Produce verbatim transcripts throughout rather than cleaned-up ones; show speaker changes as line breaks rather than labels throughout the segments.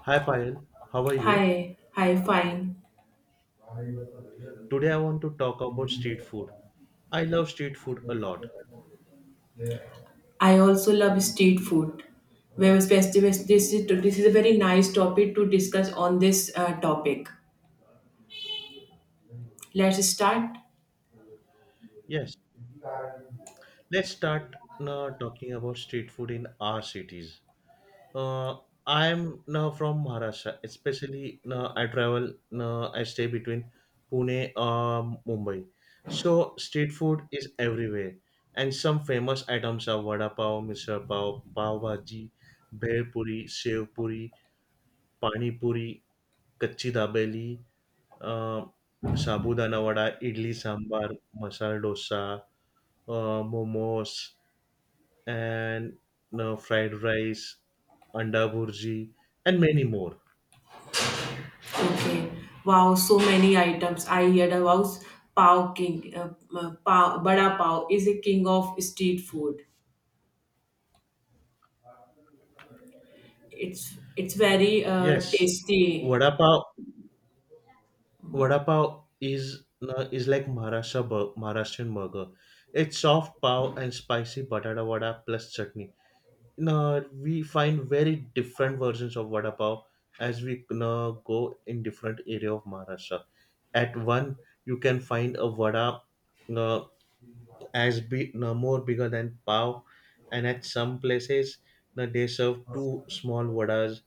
Hi Payal, how are you?
Hi, hi, fine.
Today I want to talk about street food. I love street food a lot.
I also love street food. Well, especially this this is this is a very nice topic to discuss on this uh, topic. Let's start.
Yes, let's start now talking about street food in our cities. Uh, I'm now from Maharashtra, especially now I travel, now I stay between Pune um Mumbai. So street food is everywhere. And some famous items are vada pav, misal pav, pav bhaji, bhel puri, sev puri, pani puri, kachi dabeli, a, sabudana vada, idli sambar, masala dosa, a, momos and uh, fried rice, anda burji, and many more.
Okay. Wow, so many items. I heard about Pao King. Uh, uh, Pao, Bada Pao is a king of street food. It's it's very uh,
Yes,
tasty.
vada pav. Vada pav is uh, is like Maharashtra bur- Maharashtrian burger. It's soft pav and spicy batata vada plus chutney. No, we find very different versions of vada pav as we you go in different area of Maharashtra. At one, you can find a vada you as big, you more bigger than pav, and at some places you they serve two small vadas.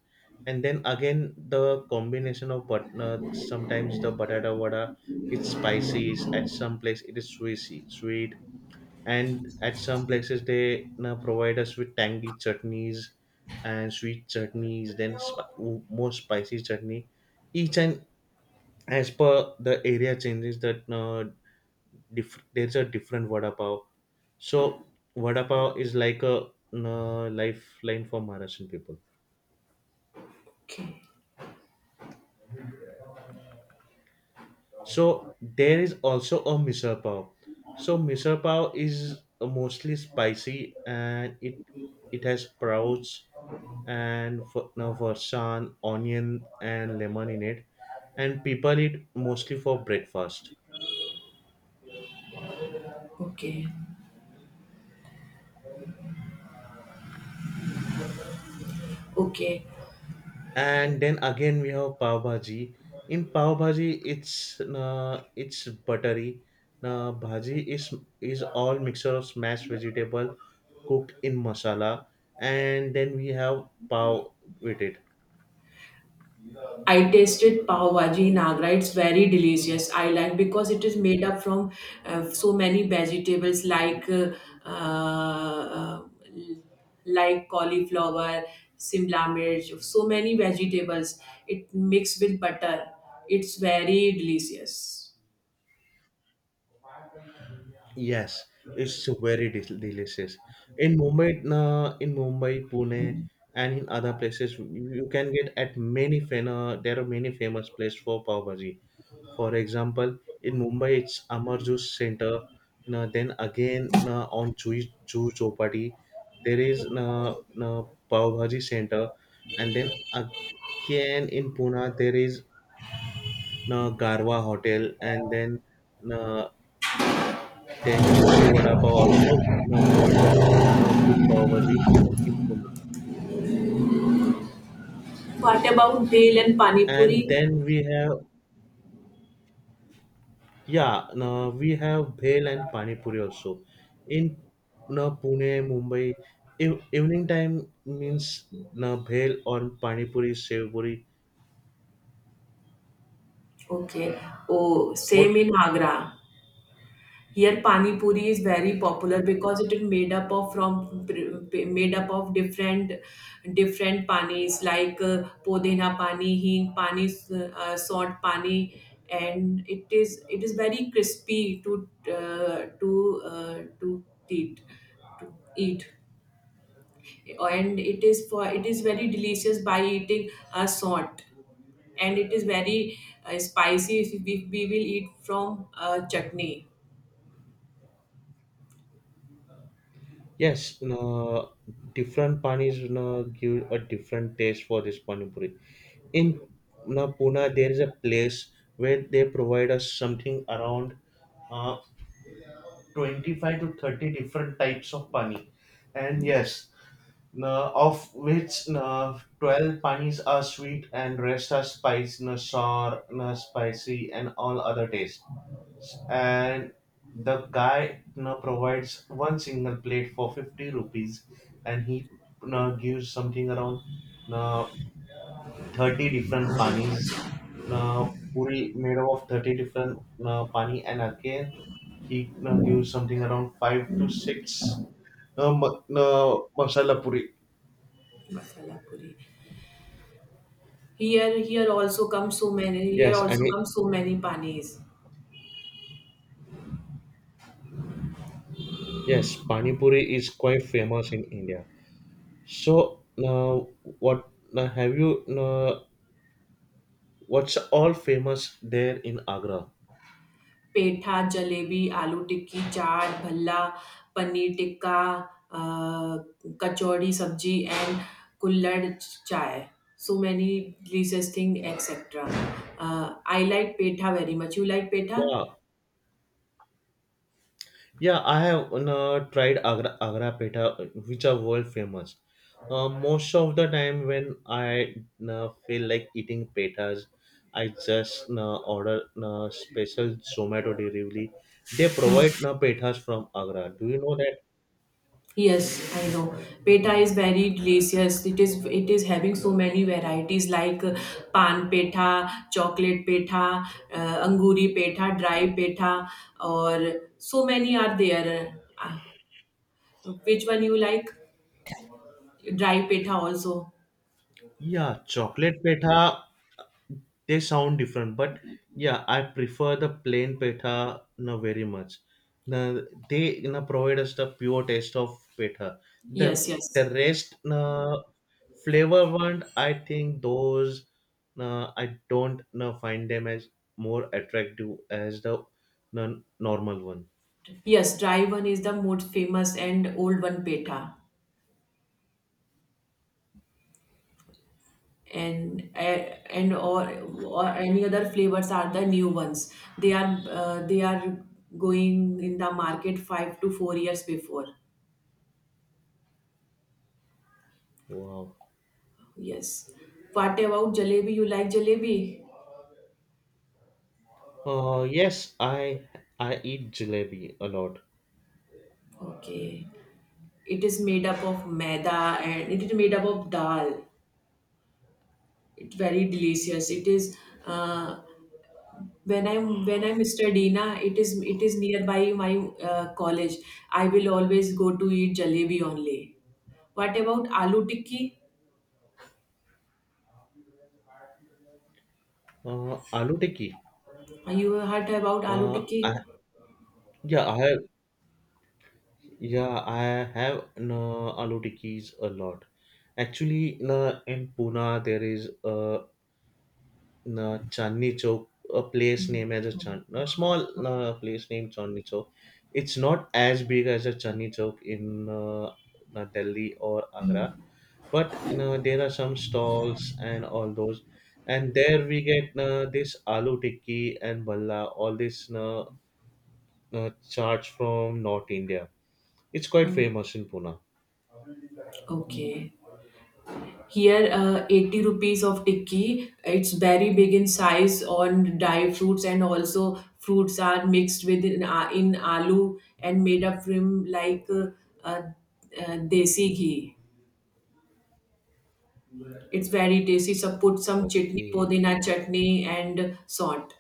And then again, the combination of but you sometimes the batata vada it's spicy. At some place, it is sweet, sweet and at some places they you provide us with tangy chutneys and sweet chutneys then sp- more spicy chutney each and as per the area changes that uh, diff- there's a different vada pav, so vada pav is like a uh, lifeline for maharashtrian people.
Okay,
So there is also a misal pav. So misal pav is mostly spicy and it it has sprouts and for, now farsan, onion, and lemon in it. And people eat mostly for breakfast.
okay, okay.
And then again we have pav bhaji. In pav bhaji, it's uh, it's buttery. Uh, bhaji is is all mixture of smashed vegetable cooked in masala, and then we have pav with it.
I tasted pav bhaji in Agra. It's very delicious. I like because it is made up from uh, so many vegetables like uh, uh, like cauliflower, simla mirch, so many vegetables. It mixed with butter. It's very delicious.
Yes, it's very del- delicious. In Mumbai, uh, in Mumbai, Pune, and in other places, you you can get at many fan. Uh, there are many famous places for pav bhaji. For example, in Mumbai, it's Amar Juice Center. Now, then again, now on Juice Juice Chopati, there is now now pav bhaji center, and then again in Pune, there is now Garwa Hotel, and then. Uh, Tank Joshi Vada Pav also now provides a uh, good pav bhaji in Pune.
What about dal and pani puri?
And then we have, yeah, now we have bhel and pani puri also. In now Pune, Mumbai, ev- evening time means now bhel or pani puri, sev puri.
Okay. Oh, same
What?
in Agra. Here, pani puri is very popular because it is made up of from made up of different different panis like uh, podena pani, hing pani, uh, salt pani, and it is it is very crispy to uh, to uh, to eat to eat, and it is for it is very delicious by eating a salt, and it is very uh, spicy if we, we will eat from uh, chutney
Yes, now different panis now give a different taste for this pani puri. In now Pune, there is a place where they provide us something around. Uh, twenty-five to thirty different types of pani, and yes, uh, of which uh, twelve panis are sweet and rest are spicy, uh, sour, uh, spicy and all other tastes, and the guy uh, provides one single plate for fifty rupees and he uh, gives something around uh, thirty different panis. Now, Puri made up of thirty different uh, pani, and again, he uh, gives something around five to six uh, ma- uh, masala puri.
masala puri. Here, here also come so many. Here
Yes, and
also
it,
come so many panis.
yes, pani puri is quite famous in India. So, now what now have you? Uh, what's all famous there in Agra?
Petha, jalebi, aloo tikki, chaat, bhalla, paneer tikka, uh, kachori sabji, and kullad chai. So many delicious thing, et cetera. Uh, I like petha very much. You like petha?
Wow. Yeah, I have uh, tried Agra, Agra Peta, which are world famous. Uh, most of the time, when I uh, feel like eating petas, I just uh, order uh, special Zomato delivery. They provide uh, petas from Agra. Do you know that?
Yes, I know. Peta is very delicious. It is it is having so many varieties like uh, pan peta, chocolate peta, uh, anguri peta, dry peta, or so many are there. Uh, which one you like? Dry peta also.
Yeah, chocolate petha, they sound different, but yeah, I prefer the plain petha na very much. Na, they na provide us the pure taste of petha. The
Yes,
the
yes,
rest na flavor one, I think those na I don't na find them as more attractive as the na, normal one.
yes. Dry one is the most famous and old one peta. and eh, and or or any other flavors are the new ones. They are uh, they are going in the market five to four years before.
Wow.
Yes, what about jalebi? You like jalebi?
Uh, yes, I I eat jalebi a lot.
Okay. It is made up of maida and it is made up of dal. It's very delicious. It is uh, when i'm when i'm studying na, it is it is nearby my uh, college. I will always go to eat jalebi only. What about aloo tikki?
Uh, Aloo tikki.
You heard about aloo
Uh,
tikki?
I Yeah, I have. Yeah, I have no aloo tikkis a lot. Actually, na, in Pune there is a na, Chandni Chowk, a place named as a Chand, a small na, place named Chandni Chowk. It's not as big as a Chandni Chowk in uh, na, Delhi or Agra, but you know there are some stalls and all those. And there we get na, this aloo tikki and balla, all this na, na, charts from North India. It's quite
Hmm.
famous in Pune.
Okay. Here, uh, eighty rupees of tikki. It's very big in size on dry fruits, and also fruits are mixed with in, uh, in aloo and made up from like uh, uh, uh, desi ghee. It's very tasty. So put some chutney,
Okay.
podina chutney and salt.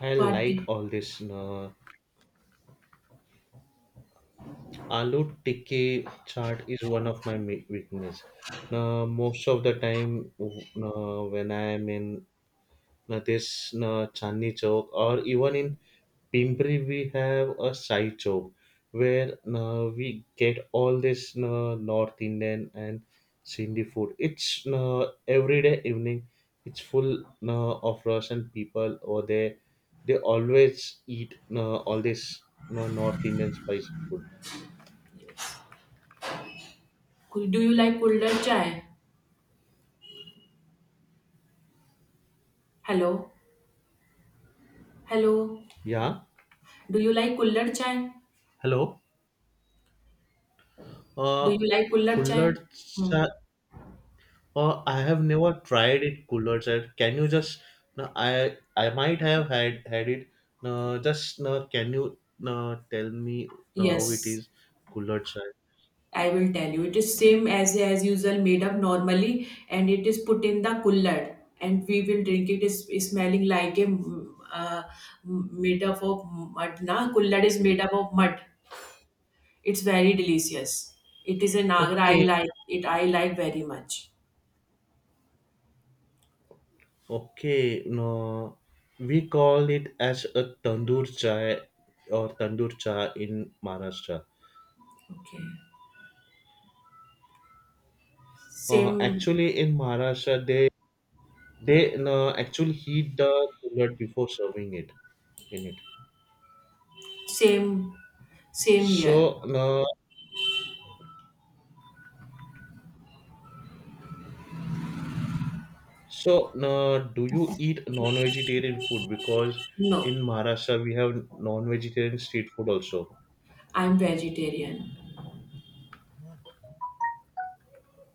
I
What?
like all this, na. Aloo tikki chaat is one of my mi- weakness. Na, most of the time, na, when I am in na this na Chandni Chowk or even in Pimpri, we have a side shop where uh, we get all this uh, North Indian and Sindhi food. It's uh, every day evening. It's full uh, of Russian people over there. They always eat uh, all this uh, North Indian spicy food.
Yes. Cool. Do you like kullad chai? Hello? Hello?
Yeah.
Do you like kullad chai?
Hello. Uh,
Do you like gulab chai?
Kullad
Hmm.
cha, or I have never tried it, cooler sir. Can you just no, I I might have had had it. No, just no, can you no, tell me no, how it
Yes,
is, cooler sir?
I will tell you. It is same as as usual, made up normally, and it is put in the cooler, and we will drink it. Is is smelling like a mm, uh, mm, made up of mud. Na cooler is made up of mud. It's very delicious. It is a Agra. I
Okay.
like it. I like very much.
Okay, no, we call it as a tandoor chai or tandoor chai in Maharashtra.
Okay.
Uh,
Same,
actually, in Maharashtra, they they no, actually heat the cooler before serving it in it.
same, same here.
So no, so, uh, do you eat non-vegetarian food? Because
No,
in Maharashtra we have non-vegetarian street food also.
I'm vegetarian.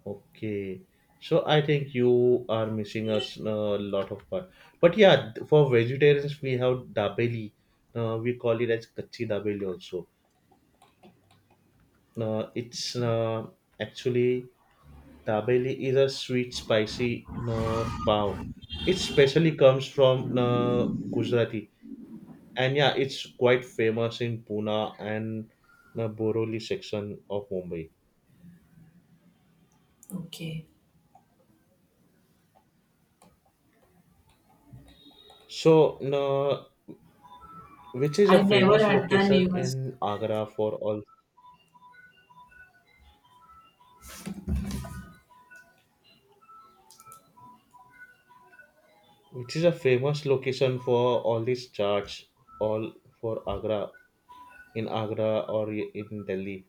Okay. So I think you are missing us a lot of part. But yeah, for vegetarians we have dabeli. Uh, we call it as kachi dabeli also. Uh, it's
Okay.
uh, actually dabeli is a sweet spicy uh, pav. It specially comes from uh, Gujarati, and yeah, it's quite famous in Pune and the boroli section of Mumbai.
Okay.
So no, which is a
I never
famous
heard the
location
name
in Agra for all, which is a famous location for all these charts, all, for Agra, in Agra or in Delhi,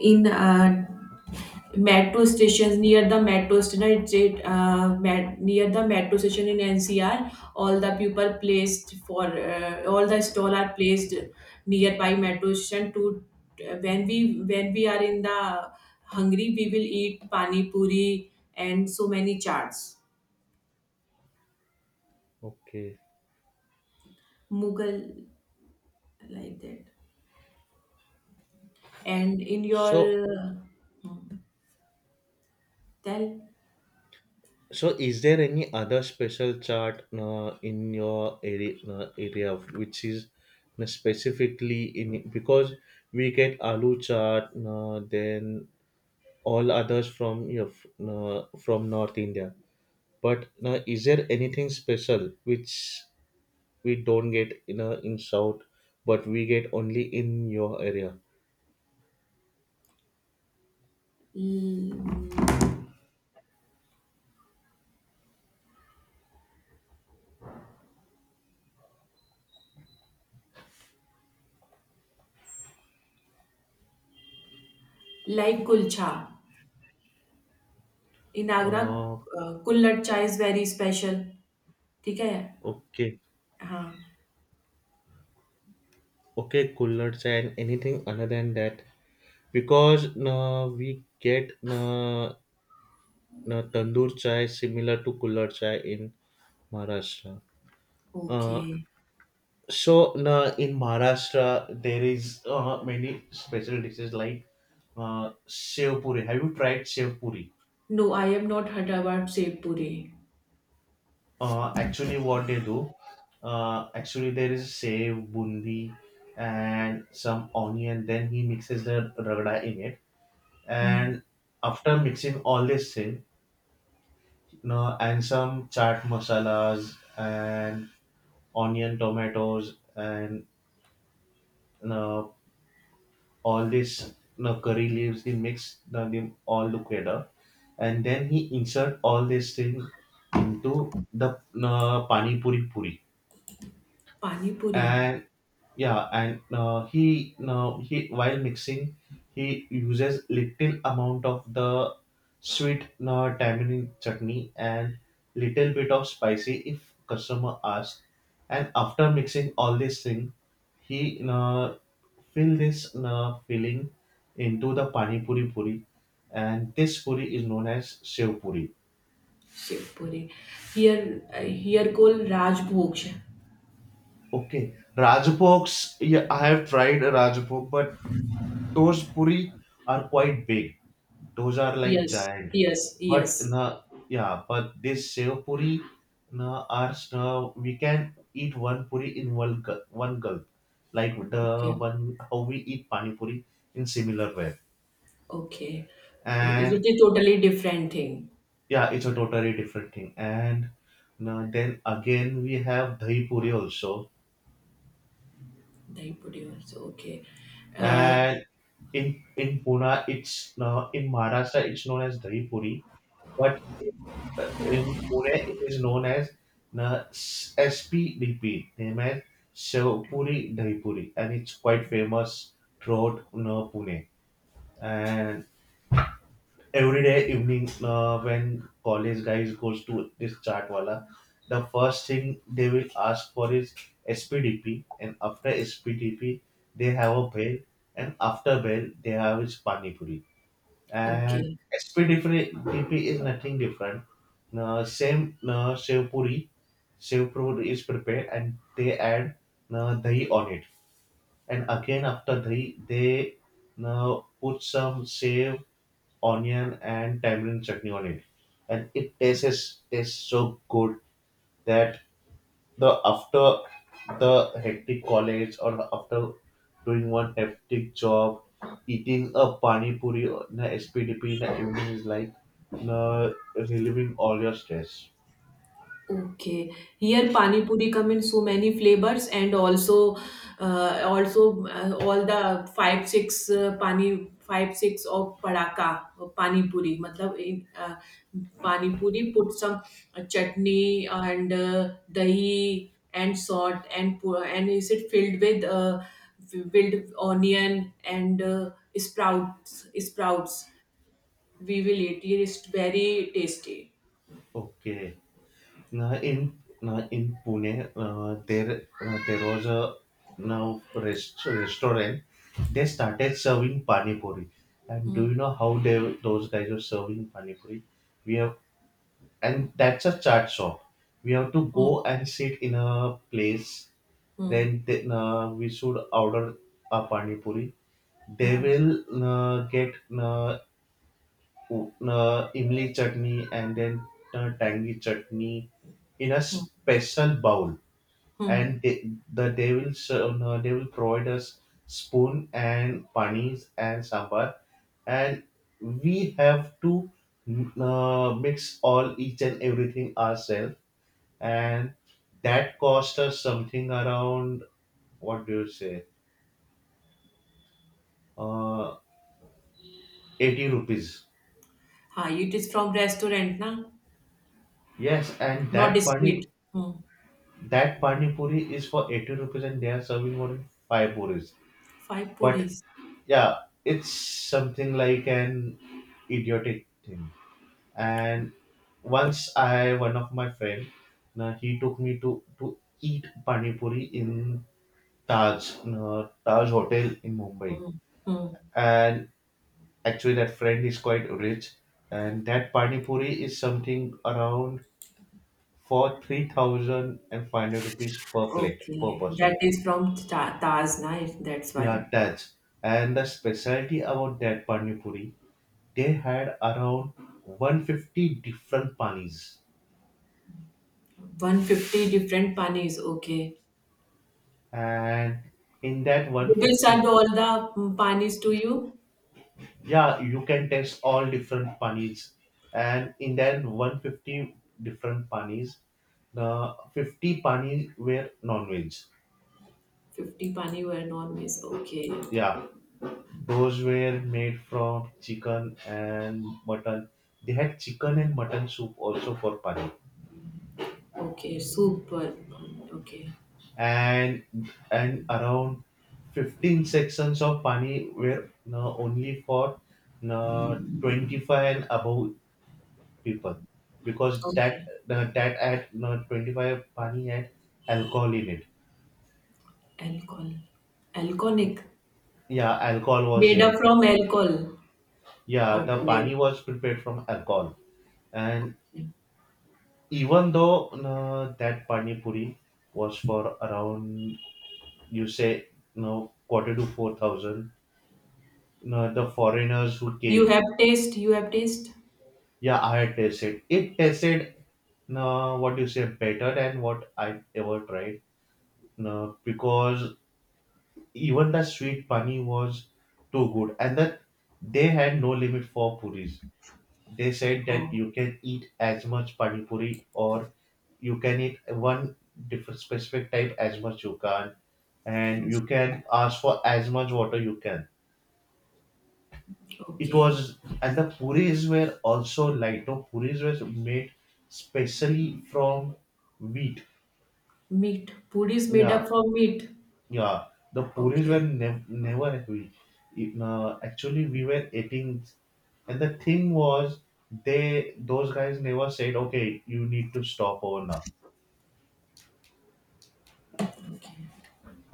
in uh, metro stations, near the metro station. It's it, uh, met, near the metro station in N C R. All the people placed for uh, all the stall are placed nearby metro station. To uh, When we when we are in the hungry, we will eat pani puri and so many charts,
okay,
Mughal like that. And in your
so.
uh, hmm, tell,
So, is there any other special chart uh, in your area, uh, area of- which is uh, specifically in, because we get aloo chart, uh, then all others from your f- uh, from North India. But uh, is there anything special which we don't get in uh, in South, but we get only in your area?
like kulcha. In Agra
Uh,
a, kullad chai is very special, ठीक है?
okay,
हाँ,
okay, coolers and anything other than that. Because uh, we get uh, uh, tandoor chai similar to kulhad chai in Maharashtra.
Okay.
Uh, so uh, in Maharashtra there is uh, many special dishes like uh, sev puri. Have you tried sev puri?
No, I have not heard about sev puri.
Uh, actually, what they do, uh, actually there is sev, bundi, and some onion. Then he mixes the ragda in it,
hmm,
and after mixing all this thing, no, and some chaat masalas and onion, tomatoes, and no, all this no, curry leaves. He mix no, them all together, and then he insert all this thing into the no, pani puri puri.
पानी पूरी,
And yeah, and uh, he now he while mixing he uses little amount of the sweet uh, tamarind chutney and little bit of spicy if customer asks, and after mixing all this thing he uh, fill this uh, filling into the pani puri puri, and this puri is known as sev puri.
Sev puri. Here uh, here called Rajbhog.
Okay, Rajbhogs. Yeah, I have tried a Rajbhog, but those puri are quite big. Those are like
yes,
giant.
Yes, yes.
But na yeah, but this sev puri na are na we can eat one puri in one gul- one gulp, like
okay,
the one how we eat pani puri in similar way.
Okay. तो it
And
is totally different thing,
yeah, it's a totally different thing. And na, then again we have dahi puri also,
dahi puri also, okay. Uh,
and in in Pune it's now in Maharashtra it's known as dahi puri, but uh, in Pune it is known as na S P D P, name as Shev Puri Dahi Puri, and it's quite famous throughout you Pune. And every day evening uh, when college guys goes to this chat wala, the first thing they will ask for is S P D P, and after S P D P they have a bell, and after bell they have is pani puri.
Okay.
And S P D P is nothing different. Uh, same uh, sev puri, sev puri is prepared, and they add uh, dahi on it. And again after dahi they uh, put some sev, onion and tamarind chutney on it, and it tastes tastes so good that the after the hectic college or after doing one hectic job, eating a pani puri or an S P D P in the evening is like uh, relieving all your stress.
Okay. Here pani puri come in so many flavors, and also uh, also uh, all the five six uh, pani five six of padaka uh, pani puri matlab in uh, pani puri put some uh, chutney and uh, dahi and salt and pu- and is it filled with uh, filled with onion and uh, sprouts sprouts we will eat. It is very tasty.
Okay. Now in now in Pune, uh, there uh, there was a now rest, restaurant. They started serving pani puri, and
Hmm,
do you know how they those guys were serving pani puri? We have, and that's a chat shop. We have to
hmm,
go and sit in a place.
hmm,
Then they, uh, we should order a pani puri. They
hmm,
will uh, get uh, uh, imli chutney, and then uh, tangy chutney in a
hmm.
special bowl, and
Hmm.
de- the they will serve, uh, they will provide us spoon and panis and sambar, and we have to mm, uh, mix all each and everything ourselves, and that cost us something around, what do you say, uh, eighty rupees.
हाँ, it is from restaurant ना,
Yes, and
not
that
street.
pani
Hmm.
that pani puri is for eighty rupees, and they are serving only five puris.
Five
But
puris.
yeah, it's something like an idiotic thing. And once I one of my friend, uh, he took me to to eat pani puri in Taj uh, Taj Hotel in Mumbai.
Hmm.
And actually, that friend is quite rich, and that pani puri is something around, for three thousand and five hundred rupees per plate per
Okay,
person.
that is from Ta- Taj na, that's
Yeah,
why.
Taj. And the specialty about that pani puri, they had around one fifty different panis,
one fifty different panis, okay.
and in that
They will
one hundred fifty.
send all the mm, panis to you?
Yeah, you can test all different panis, and in that one fifty different panis, the fifty panis were non-veg.
fifty pani were non-miss, okay.
Yeah, those were made from chicken and mutton. They had chicken
Hmm.
and mutton soup also for pani.
Okay, super. Mm, Okay,
And and around fifteen sections of pani were uh, only for uh, twenty-five and above people, because that
okay.
uh, that at uh, twenty-five pani had alcohol in it.
Alcohol. Alcoholic.
Yeah, alcohol was
Made
there in
up
that
from
cup.
alcohol.
Yeah, the pani
Okay,
was prepared from alcohol. And
okay.
even though uh, that pani puri was for around, you say, no, quarter to four thousand, no, the foreigners who
You
came.
have taste, you have taste?
Yeah, I had tasted it tasted. No, what you say, better than what I ever tried. No, because even the sweet pani was too good, and that they had no limit for puris. They said that
Oh.
you can eat as much pani puri, or you can eat one different specific type as much you can,
Okay.
and you can ask for as much water you can. It
Okay.
was, and the puris were also light. No, puris were made specially from wheat.
Meat. Puri is made
Yeah.
up from meat.
Yeah, the puris were
Okay.
nev- never heavy. It- uh, actually, we were eating, and the thing was, they those guys never said, "Okay, you need to stop over now."
Okay.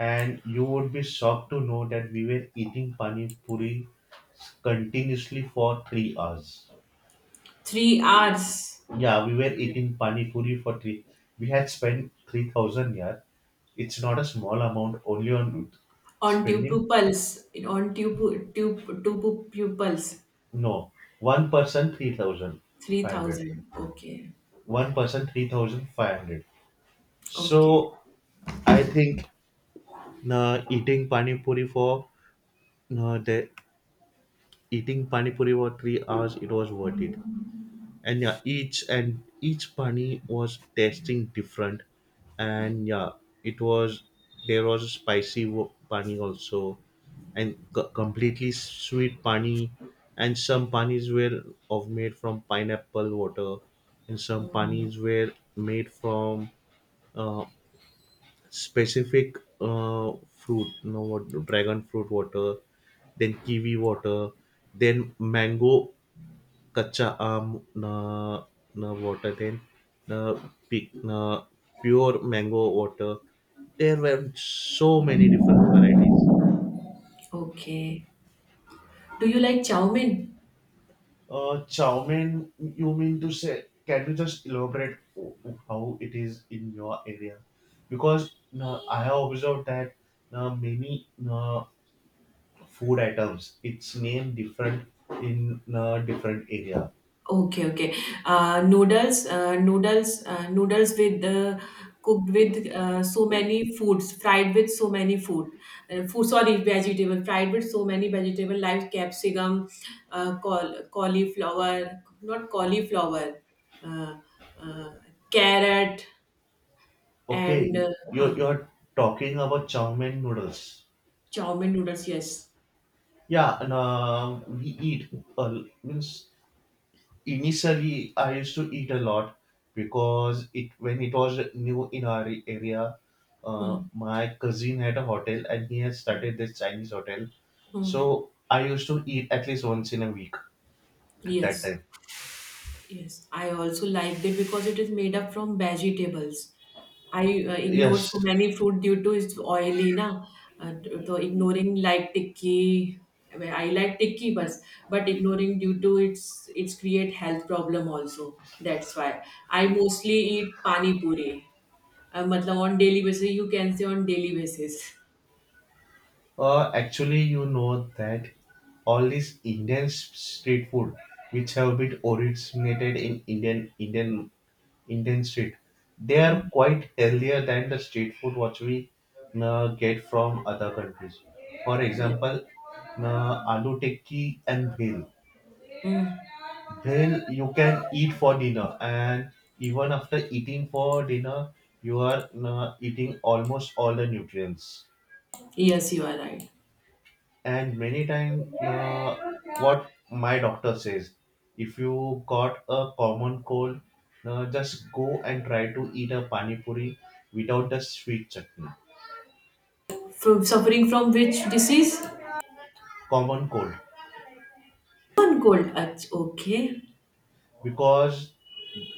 And you would be shocked to know that we were eating pani puri continuously for three hours.
Three hours
Yeah, we were eating pani puri for three. We had spent three thousand here. It's not a small amount, only on
on two
spending.
pupils. On two pu- two two pu- pupils.
No, one person three thousand
Three
five hundred.
thousand. Okay.
One person three thousand five hundred.
Okay.
So I think uh, eating pani puri for uh, the eating pani puri for three hours, it was worth it. And yeah, each and each pani was tasting different. And yeah, it was, there was a spicy wo- pani also, and co- completely sweet pani, and some panis were of made from pineapple water, and some panis were made from uh, specific uh, fruit, you know, what, dragon fruit water, then kiwi water, then mango kacha um na, na water, then na, pi- na pure mango water. There were so many different varieties.
Okay. Do you like chow mein?
Uh, Chow mein, you mean to say, can you just elaborate o- how it is in your area? Because uh, I have observed that uh, many uh, food items, it's named different in a different area.
Okay, okay. Uh, noodles, uh, noodles, uh, noodles with uh, cooked with uh, so many foods, fried with so many food, uh, food. Sorry, vegetable, fried with so many vegetable like capsicum, uh, col cauliflower, not cauliflower, uh, uh, carrot, and
Okay,
uh,
you're,
huh,
you're talking about chow mein noodles.
chow mein noodles. Yes.
Yeah, and uh, we eat. Uh, means initially, I used to eat a lot because it when it was new in our area, uh,
Hmm,
my cousin had a hotel and he had
hmm,
started this Chinese hotel.
hmm.
So I used to eat at least once in a week at that
Yes.
time.
Yes, I also liked it because it is made up from vegetables. I uh, ignore so
Yes.
many fruit due to it's oily na. Uh, so ignoring like tikki, I mean, I like tikki, but but ignoring due to its its create health problem also. That's why I mostly eat pani puri. Uh, matlab on daily basis, you can say on daily basis.
Uh, actually, you know that all this Indian s- street food, which have been originated in Indian Indian Indian street, they are
Mm,
quite healthier than the street food what we uh, get from other countries. For
yes.
example, uh, aloo tikki and bhel.
Mm,
Bhel you can eat for dinner, and even after eating for dinner, you are uh, eating almost all the nutrients.
yes, you are right.
And many time uh, what my doctor says, if you got a common cold, uh, just go and try to eat a pani puri without the sweet chutney.
From suffering from which disease?
Common cold.
One cold. Ach- Okay.
Because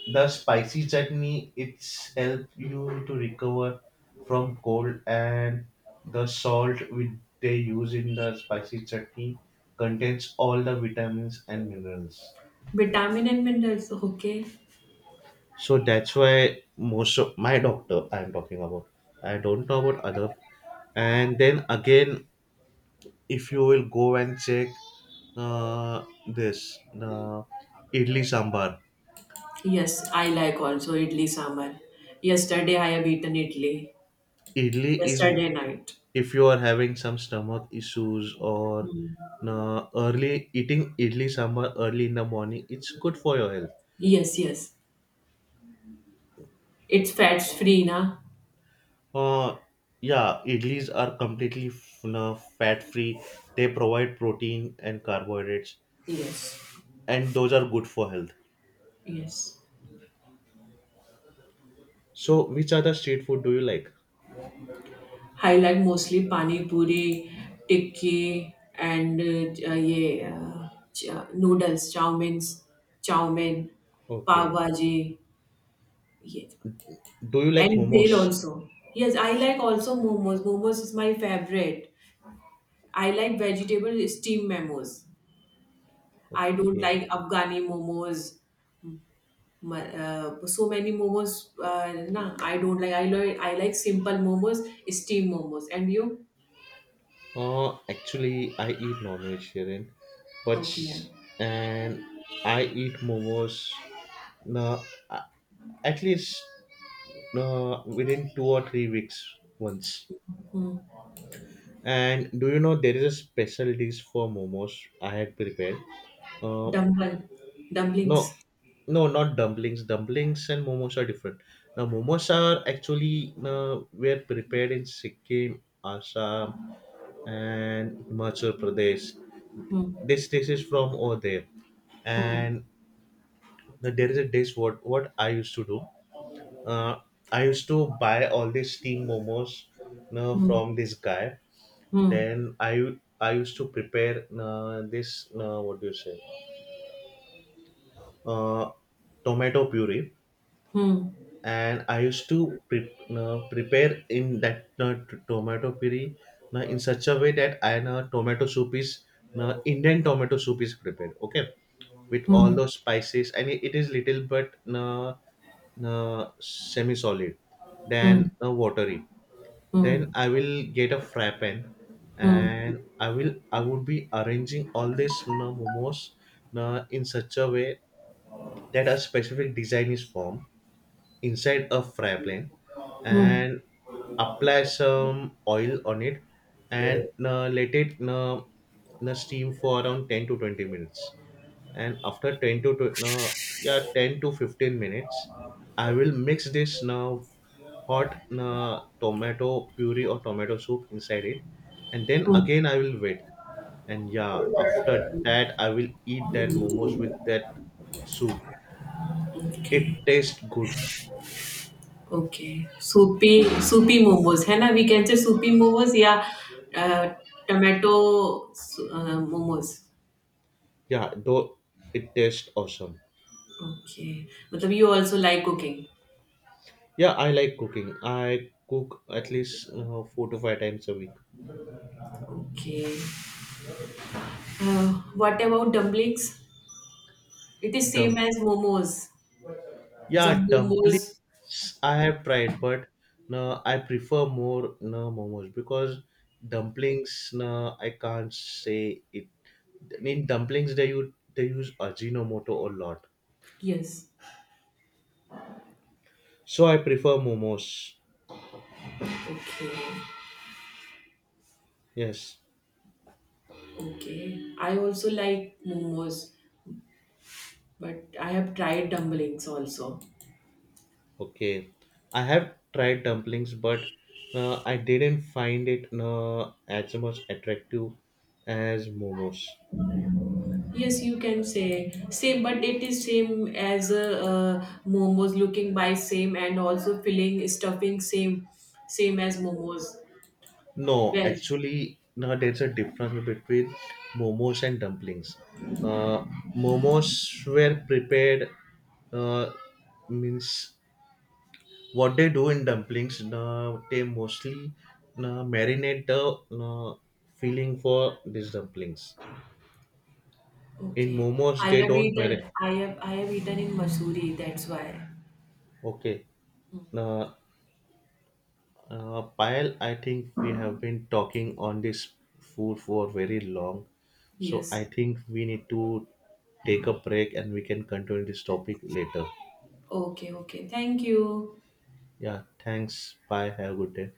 the spicy chutney, it's help you to recover from cold, and the salt which they use in the spicy chutney contains all the vitamins and minerals.
Vitamin and minerals, okay.
So that's why most of my doctor I'm talking about. I don't know about other. And then again, if you will go and check uh, this the idli sambar.
Yes, I like also idli sambar. Yesterday I have eaten idli.
Idli is,
Yesterday night.
if you are having some stomach issues or
Hmm.
uh, early, eating idli sambar early in the morning, it's good for your health.
Yes, yes. It's fats free, na?
Uh, yeah, idlis are completely f- fat free. They provide protein and carbohydrates,
Yes,
and those are good for health.
yes.
So, which other street food do you like?
I like mostly pani puri, tikki, and uh, uh, ye, uh, ch- uh, noodles, chow mains, chow mein, pav
Okay.
bhaji, yes.
Do you like
And
momos?
bhel also. Yes, I like also momos. Momos is my favorite. I like vegetable steamed momos. I don't
Okay.
like Afghani momos. Ma- Uh, so many momos. Uh, nah, I don't like. I like. I like simple momos, steamed momos. And you?
Uh, actually, I eat non-vegetarian, but
Okay.
s- and I eat momos. No, uh, at least uh, within two or three weeks once. And do you know there is a special dish for momos I had prepared? Uh,
Dumpling,
No,
dumplings.
no, not dumplings. Dumplings and momos are different. Now, momos are actually uh, were prepared in Sikkim, Assam, and Himachal Pradesh.
Hmm.
This dish is from over there,
Hmm.
and there is a dish. What what I used to do, uh, I used to buy all these steamed momos uh,
Hmm.
from this guy. Then I I used to prepare uh, this, uh, what do you say, uh, tomato puree,
Hmm.
and I used to pre- uh, prepare in that uh, t- tomato puree uh, in such a way that, I know tomato soup is uh, Indian tomato soup is prepared. Okay, with all
Hmm.
those spices, and it, it is little but uh, uh, semi-solid,
Hmm. Hmm.
then uh, watery. Then
Hmm.
I will get a fry pan,
Hmm.
and I will I would be arranging all these uh, momos uh, in such a way that a specific design is formed inside a fry pan,
Hmm.
and apply some oil on it, and uh, let it uh, uh, steam for around ten to twenty minutes. And after ten to tw- uh, yeah, ten to fifteen minutes, I will mix this now hot uh, tomato puree or tomato soup inside it, and then
Hmm.
again I will wait. And yeah, after that I will eat that momos with that soup. It
Okay.
tastes good.
Okay. Soupy soupy momos, है ना? We can say soupy momos या uh, tomato uh, momos.
Yeah, though, it tastes awesome.
Okay. मतलब you also like cooking.
Yeah, I like cooking. I cook at least uh, four to five times a week.
Okay. Uh, what about dumplings? It is same
Dump.
as momos. The
Yeah,
momos.
dumplings I have tried, but no, I prefer more no momos because dumplings, no, I can't say it. I mean, dumplings they use they use ajinomoto a lot,
Yes.
so I prefer momos.
Okay.
Yes.
Okay. I also like momos, but I have tried dumplings also.
Okay, I have tried dumplings, but uh, I didn't find it uh, as much attractive as momos.
Yes, you can say same, but it is same as uh, uh, momos looking by same and also filling stuffing same same as momos
No,
veg.
actually, no, there's a difference between momos and dumplings. Uh, Momos were prepared, uh, means what they do in dumplings, uh, they mostly uh, marinate the uh, filling for these dumplings. In
Okay,
momos,
I
they
have
don't marinate.
eaten I have I have eaten in Masuri. That's why.
Okay. Uh, Uh, Payal, I think we have been talking on this food for very long, so I
Yes.
think we need to take a break, and we can continue this topic later.
Okay. Okay. Thank you.
Yeah, thanks. Bye. Have a good day.